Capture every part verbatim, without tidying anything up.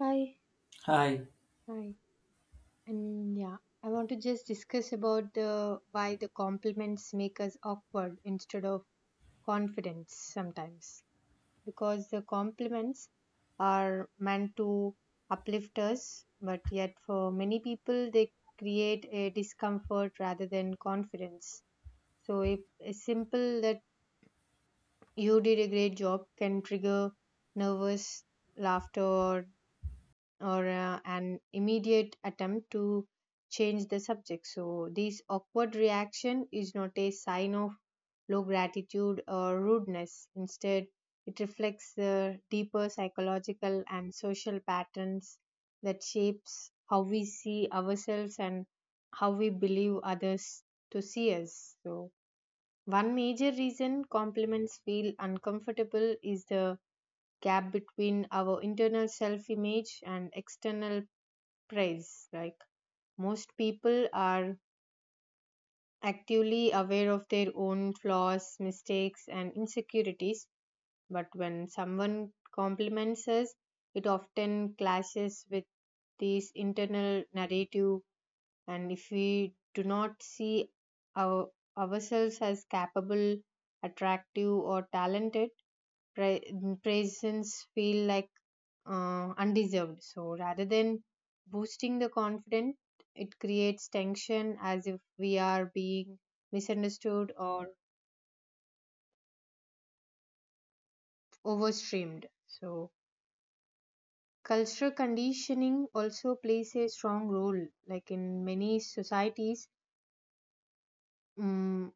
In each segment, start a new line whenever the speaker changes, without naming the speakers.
Hi,
Hi,
hi. And yeah, I want to just discuss about the why the compliments make us awkward instead of confidence sometimes. Because the compliments are meant to uplift us, but yet for many people they create a discomfort rather than confidence. So if a simple that you did a great job can trigger nervous laughter or or uh, an immediate attempt to change the subject. So, this awkward reaction is not a sign of low gratitude or rudeness. Instead, it reflects the deeper psychological and social patterns that shapes how we see ourselves and how we believe others to see us. So, one major reason compliments feel uncomfortable is the gap between our internal self image and external praise. Like most people are actively aware of their own flaws, mistakes, and insecurities, but when someone compliments us, it often clashes with this internal narrative. And if we do not see our, ourselves as capable, attractive, or talented, pra- mm, presence feel like uh, undeserved. So rather than boosting the confidence, it creates tension as if we are being misunderstood or overstreamed. So cultural conditioning also plays a strong role. Like in many societies, mm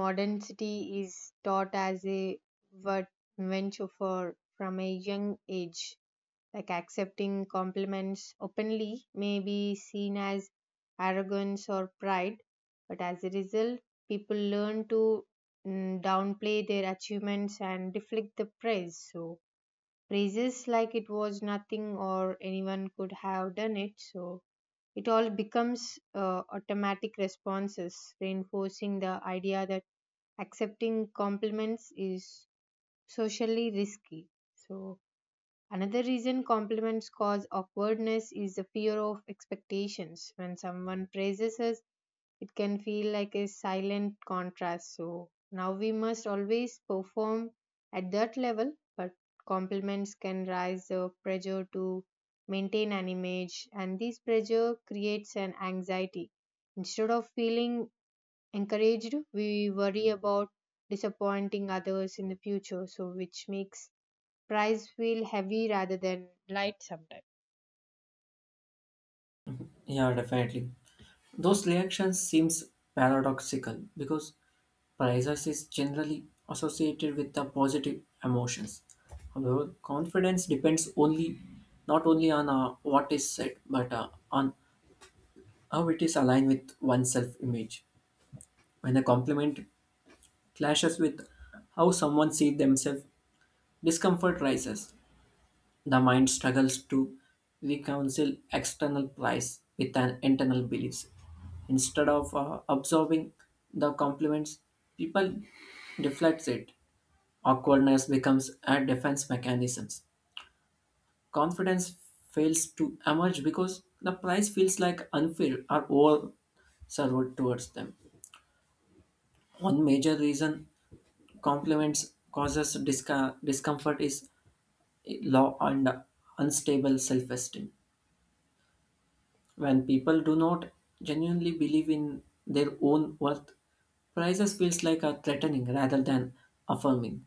modernity is taught as a what venture for from a young age, like accepting compliments openly may be seen as arrogance or pride, but as a result people learn to mm, downplay their achievements and deflect the praise. So praises like it was nothing or anyone could have done it, so it all becomes uh, automatic responses reinforcing the idea that accepting compliments is socially risky. So another reason compliments cause awkwardness is the fear of expectations. When someone praises us, it can feel like a silent contrast. So now we must always perform at that level, but compliments can raise the pressure to maintain an image, and this pressure creates an anxiety. Instead of feeling encouraged, we worry about disappointing others in the future, so which makes price feel heavy rather than light sometimes.
yeah, definitely. Those reactions seems paradoxical because praise is generally associated with the positive emotions. However, confidence depends only not only on uh, what is said but uh, on how it is aligned with one's self-image. When a compliment clashes with how someone sees themselves, discomfort rises. The mind struggles to reconcile external praise with an internal beliefs. Instead of uh, absorbing the compliments, people deflects it. Awkwardness becomes a defense mechanism. Confidence fails to emerge because the price feels like unfair or over served towards them. One major reason compliments causes disca- discomfort is low and unstable self-esteem. When people do not genuinely believe in their own worth, prices feels like a threatening rather than affirming.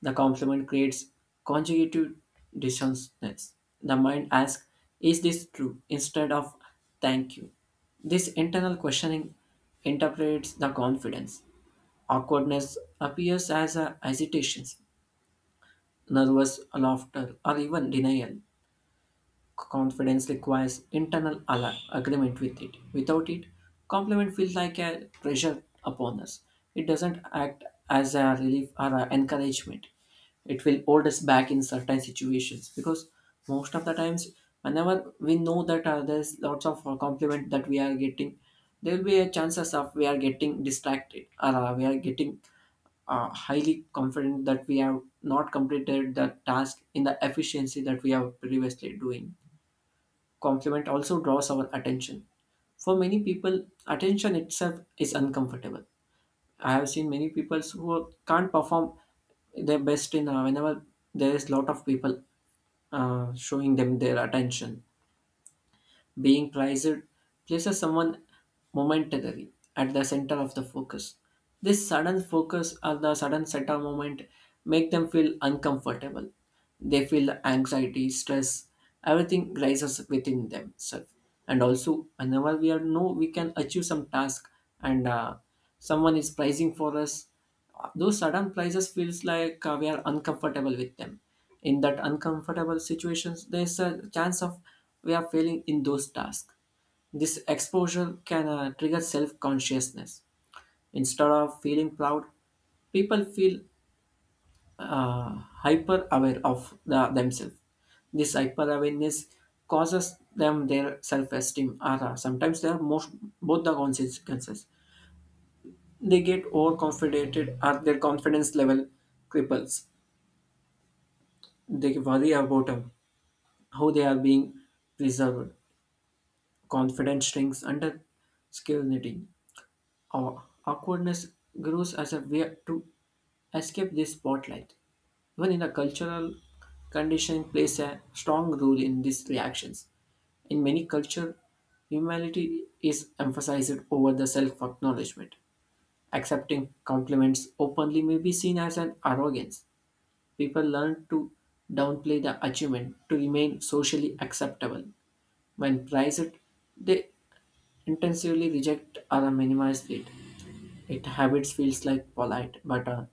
The compliment creates conjugative dissonance. The mind asks, "Is this true?" instead of "Thank you." This internal questioning interprets the confidence. Awkwardness appears as a hesitation, nervous laughter, or even denial. Confidence requires internal ala- agreement with it. Without it, compliment feels like a pressure upon us. It doesn't act as a relief or a encouragement. It will hold us back in certain situations because most of the times, whenever we know that uh, there's lots of uh, compliment that we are getting, there will be a chances of we are getting distracted or uh, we are getting uh, highly confident that we have not completed the task in the efficiency that we have previously doing. Compliment also draws our attention. For many people, attention itself is uncomfortable. I have seen many people who can't perform their best in uh, whenever there is lot of people uh, showing them their attention. Being prized places someone momentarily at the center of the focus. This sudden focus or the sudden center moment make them feel uncomfortable. They feel anxiety, stress, everything rises within themselves. And also, whenever we are know we can achieve some task and uh, someone is pricing for us, those sudden prices feels like uh, we are uncomfortable with them. In that uncomfortable situations there's a chance of we are failing in those tasks. This exposure can uh, trigger self-consciousness. Instead of feeling proud, people feel uh, hyper aware of the, themselves. This hyper awareness causes them their self-esteem or uh, sometimes they are most both the consequences. They get overconfident or their confidence level cripples. They worry about um, how they are being preserved. Confidence shrinks under skill knitting. Our awkwardness grows as a way to escape this spotlight. Even in a cultural condition plays a strong role in these reactions. In many cultures, humility is emphasized over the self acknowledgement. Accepting compliments openly may be seen as an arrogance. People learn to downplay the achievement to remain socially acceptable. When prized, they intensively reject or minimize it. It habits feels like polite, but uh,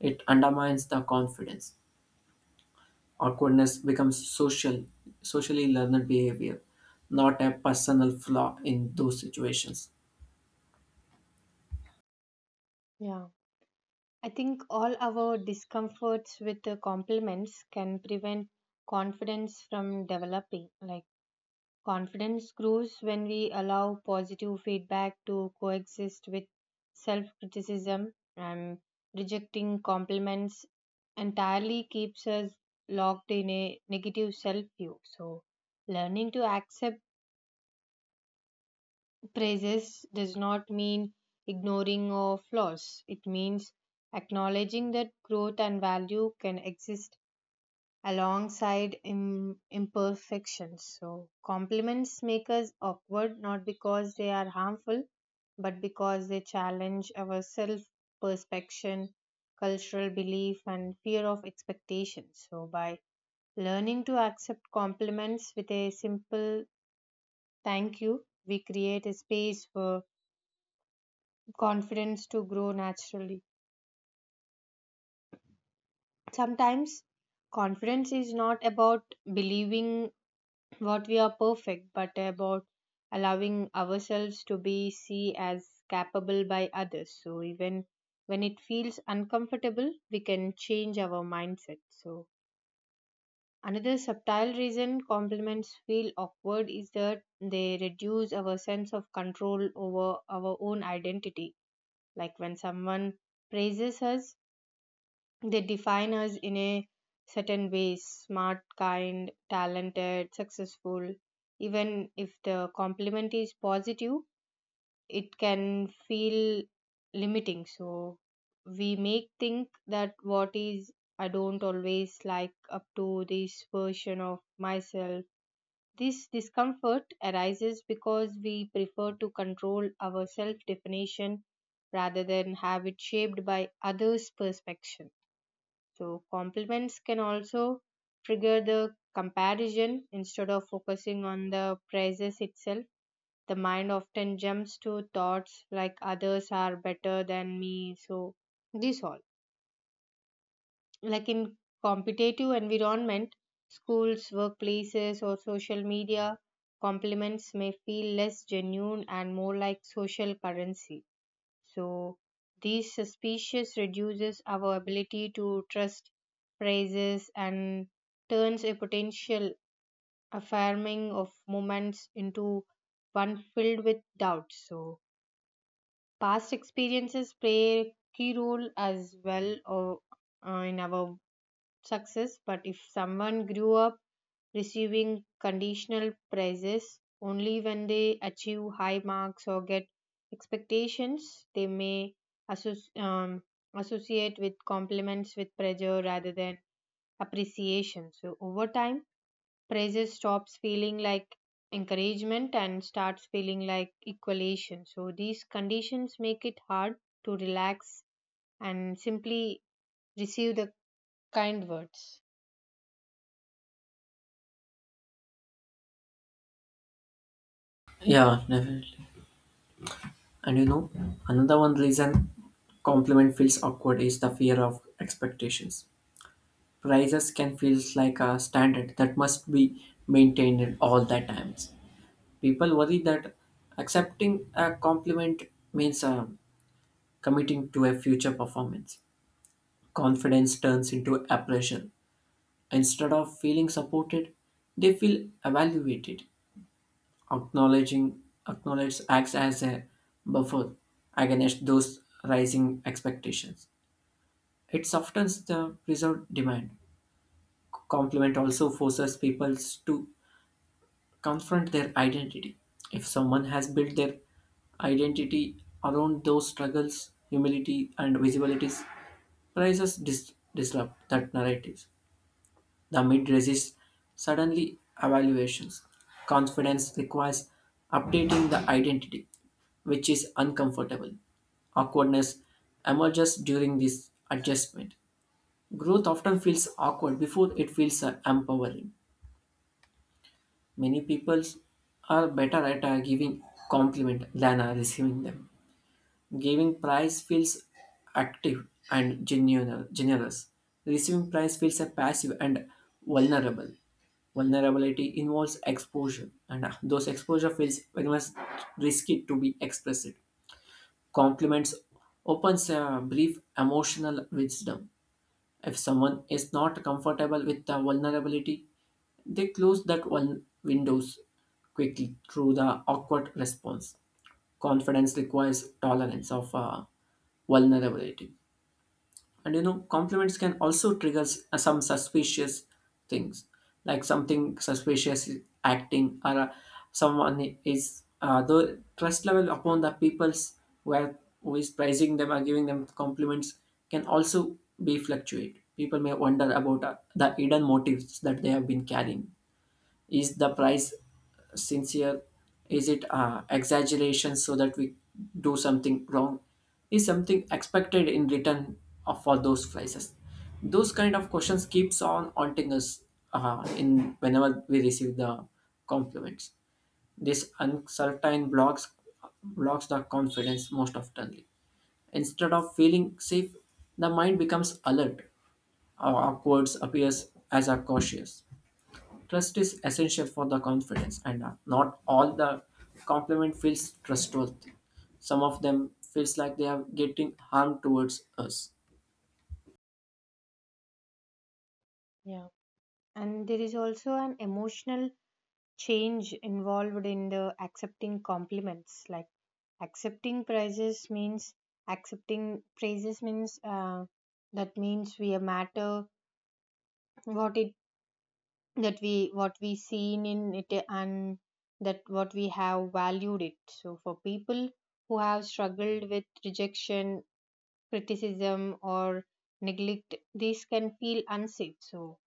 it undermines the confidence. Awkwardness becomes social, socially learned behavior, not a personal flaw in those situations.
Yeah. I think all our discomforts with the compliments can prevent confidence from developing. Like confidence grows when we allow positive feedback to coexist with self criticism, and rejecting compliments entirely keeps us locked in a negative self view. So learning to accept praises does not mean ignoring of flaws. It means acknowledging that growth and value can exist alongside im- imperfections. So, compliments make us awkward not because they are harmful, but because they challenge our self perception, cultural belief, and fear of expectations. So, by learning to accept compliments with a simple thank you, we create a space for confidence to grow naturally. Sometimes confidence is not about believing what we are perfect, but about allowing ourselves to be seen as capable by others. So even when it feels uncomfortable, we can change our mindset. So another subtle reason compliments feel awkward is that they reduce our sense of control over our own identity. Like when someone praises us, they define us in a certain ways: smart, kind, talented, successful. Even if the compliment is positive, it can feel limiting. So we make think that what is I don't always like up to this version of myself. This discomfort arises because we prefer to control our self definition rather than have it shaped by others' perception. So, compliments can also trigger the comparison instead of focusing on the praises itself. The mind often jumps to thoughts like others are better than me. So, this all. Like in competitive environment, schools, workplaces, or social media, compliments may feel less genuine and more like social currency, so these suspicious reduces our ability to trust praises and turns a potential affirming of moments into one filled with doubts. So past experiences play a key role as well, or uh, in our success. But if someone grew up receiving conditional prizes only when they achieve high marks or get expectations, they may associ- um, associate with compliments with pressure rather than appreciation. So over time praises stops feeling like encouragement and starts feeling like equation. So these conditions make it hard to relax and simply receive the kind words.
Yeah, definitely. And you know, another one reason compliment feels awkward is the fear of expectations. Prices can feel like a standard that must be maintained all the times. People worry that accepting a compliment means um, committing to a future performance. Confidence turns into appraisal. Instead of feeling supported, they feel evaluated. Acknowledging Acknowledge acts as a buffer against those rising expectations. It softens the preserved demand. Compliment also forces people to confront their identity. If someone has built their identity around those struggles, humility, and visibilities, prices dis- disrupt that narrative. The mid resists suddenly evaluations. Confidence requires updating the identity, which is uncomfortable. Awkwardness emerges during this adjustment. Growth often feels awkward before it feels uh, empowering. Many people are better at uh, giving compliment than uh, receiving them. Giving prize feels active and genuine, generous. Receiving prize feels uh, passive and vulnerable. Vulnerability involves exposure, and uh, those exposure feels very much risky to be expressed. Compliments opens a brief emotional wisdom. If someone is not comfortable with the vulnerability, they closed that one windows quickly through the awkward response. Confidence requires tolerance of uh, vulnerability. And you know, compliments can also trigger s- uh, some suspicious things, like something suspicious is acting or uh, someone is uh, the trust level upon the people's where who is praising them or giving them compliments can also be fluctuate. People may wonder about uh, the hidden motives that they have been carrying. Is the price sincere? Is it uh, exaggeration so that we do something wrong? Is something expected in return of- for those prices? Those kind of questions keeps on haunting us uh, in whenever we receive the compliments. This uncertain blocks blocks the confidence most oftenly. Instead of feeling safe, the mind becomes alert. Our words appears as a cautious. Trust is essential for the confidence, and uh, not all the compliment feels trustworthy. Some of them feels like they are getting harm towards us.
Yeah, and there is also an emotional change involved in the accepting compliments. Like accepting praises means accepting praises means uh, that means we matter, what it, that we what we seen in it, and that what we have valued it. So for people who have struggled with rejection, criticism, or neglect, these can feel unsafe. So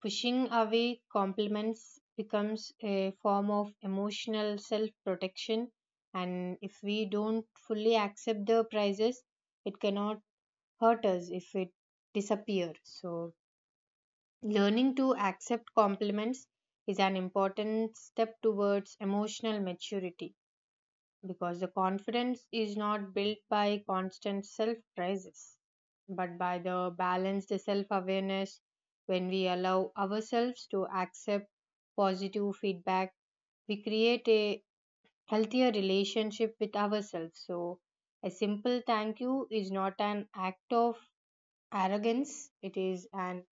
pushing away compliments becomes a form of emotional self protection, and if we don't fully accept the prizes, it cannot hurt us if it disappears. So, learning to accept compliments is an important step towards emotional maturity, because the confidence is not built by constant self praises but by the balanced self awareness. When we allow ourselves to accept positive feedback, we create a healthier relationship with ourselves. So a simple thank you is not an act of arrogance, it is an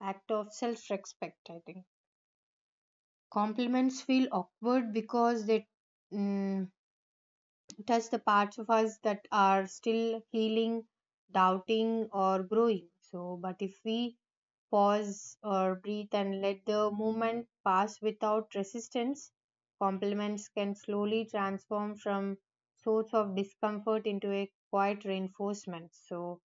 act of self respect. I think compliments feel awkward because they mm, touch the parts of us that are still healing, doubting, or growing. So, but if we pause or breathe and let the moment pass without resistance, compliments can slowly transform from source of discomfort into a quiet reinforcement. So,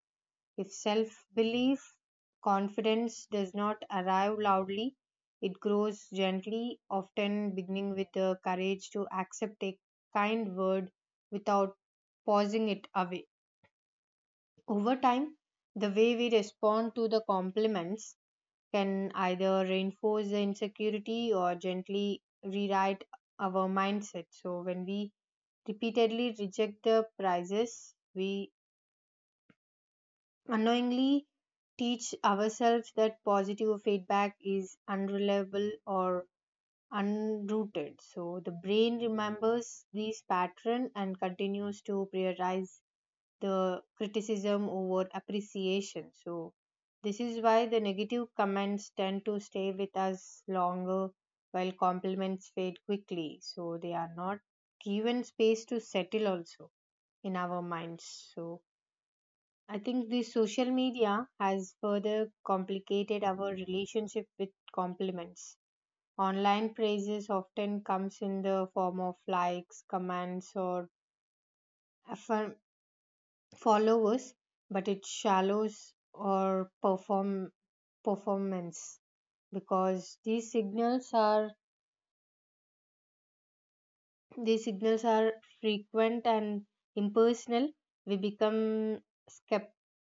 if self belief, confidence does not arrive loudly, it grows gently, often beginning with the courage to accept a kind word without pausing it away. Over time, the way we respond to the compliments can either reinforce the insecurity or gently rewrite our mindset. So, when we repeatedly reject the prizes, we unknowingly teach ourselves that positive feedback is unreliable or unrooted. So the brain remembers this pattern and continues to prioritize the criticism over appreciation. So this is why the negative comments tend to stay with us longer while compliments fade quickly, so they are not given space to settle also in our minds. So I think the social media has further complicated our relationship with compliments. Online praises often comes in the form of likes, comments, or affirm- followers, but it shallows or perform performance, because these signals are these signals are frequent and impersonal. We become skep-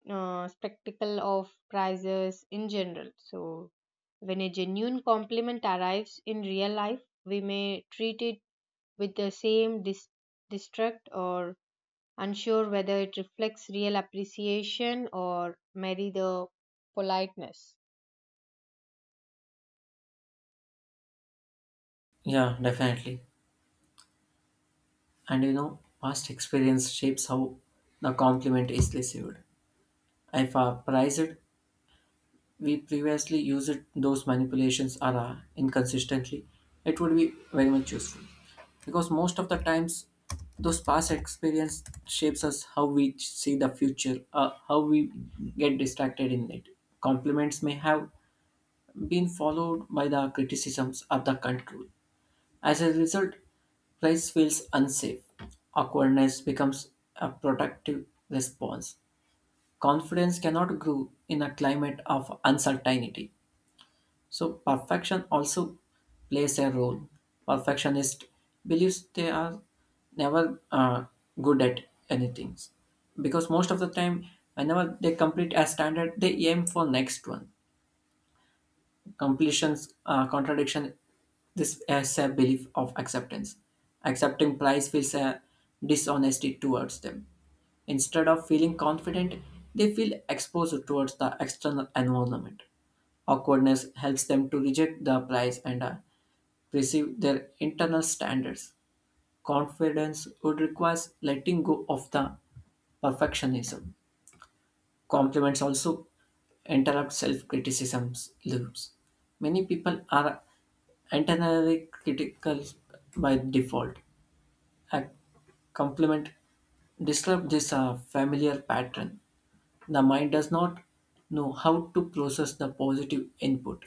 uh, skeptical of prices in general. So, when a genuine compliment arrives in real life, we may treat it with the same dis- distrust, or unsure whether it reflects real appreciation or merely the politeness.
Yeah, definitely. And you know, past experience shapes how the compliment is received. If I praise it, we previously used those manipulations are uh, inconsistently, it would be very much useful because most of the times those past experience shapes us how we ch- see the future, uh, how we get distracted in it. Compliments may have been followed by the criticisms of the control. As a result, place feels unsafe. Awkwardness becomes a protective response. Confidence cannot grow in a climate of uncertainty. So, perfection also plays a role. Perfectionist believes they are never uh, good at anything because most of the time, whenever they complete a standard, they aim for next one. Completions, uh, contradiction. This is a belief of acceptance. Accepting price feels a dishonesty towards them. Instead of feeling confident, they feel exposed towards the external environment. Awkwardness helps them to reject the prize and uh, perceive their internal standards. Confidence would require letting go of the perfectionism. Compliments also interrupt self criticism's loops. Many people are internally critical by default. A compliment disrupts this uh, familiar pattern. The mind does not know how to process the positive input.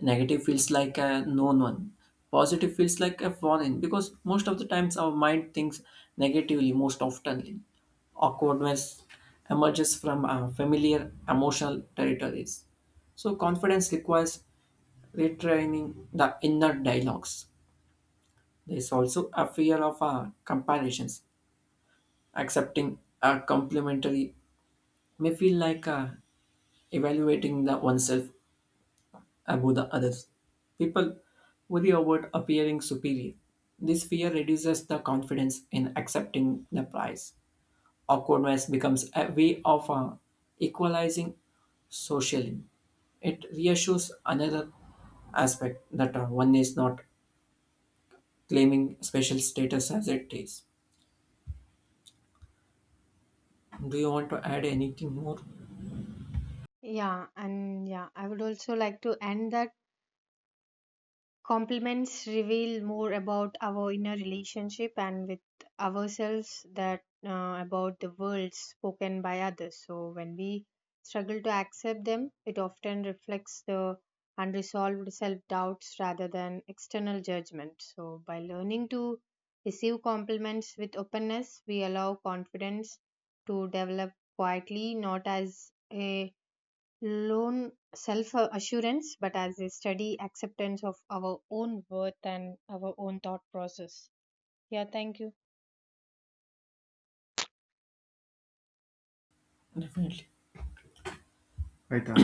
Negative feels like a known one. Positive feels like a foreign because most of the times our mind thinks negatively most oftenly. Awkwardness emerges from our familiar emotional territories. So confidence requires retraining the inner dialogues. There is also a fear of uh, comparisons. Accepting a complimentary may feel like uh, evaluating the oneself above the others. People worry about appearing superior. This fear reduces the confidence in accepting the prize. Awkwardness becomes a way of uh, equalizing socially. It reassures another aspect that uh, one is not claiming special status as it is. Do you want to add anything more?
Yeah, and yeah, I would also like to end that compliments reveal more about our inner relationship and with ourselves that uh, about the words spoken by others. So when we struggle to accept them, it often reflects the unresolved self doubts rather than external judgment. So by learning to receive compliments with openness, we allow confidence to develop quietly, not as a loan self assurance but as a steady acceptance of our own worth and our own thought process. Yeah, thank you.
Definitely. Right,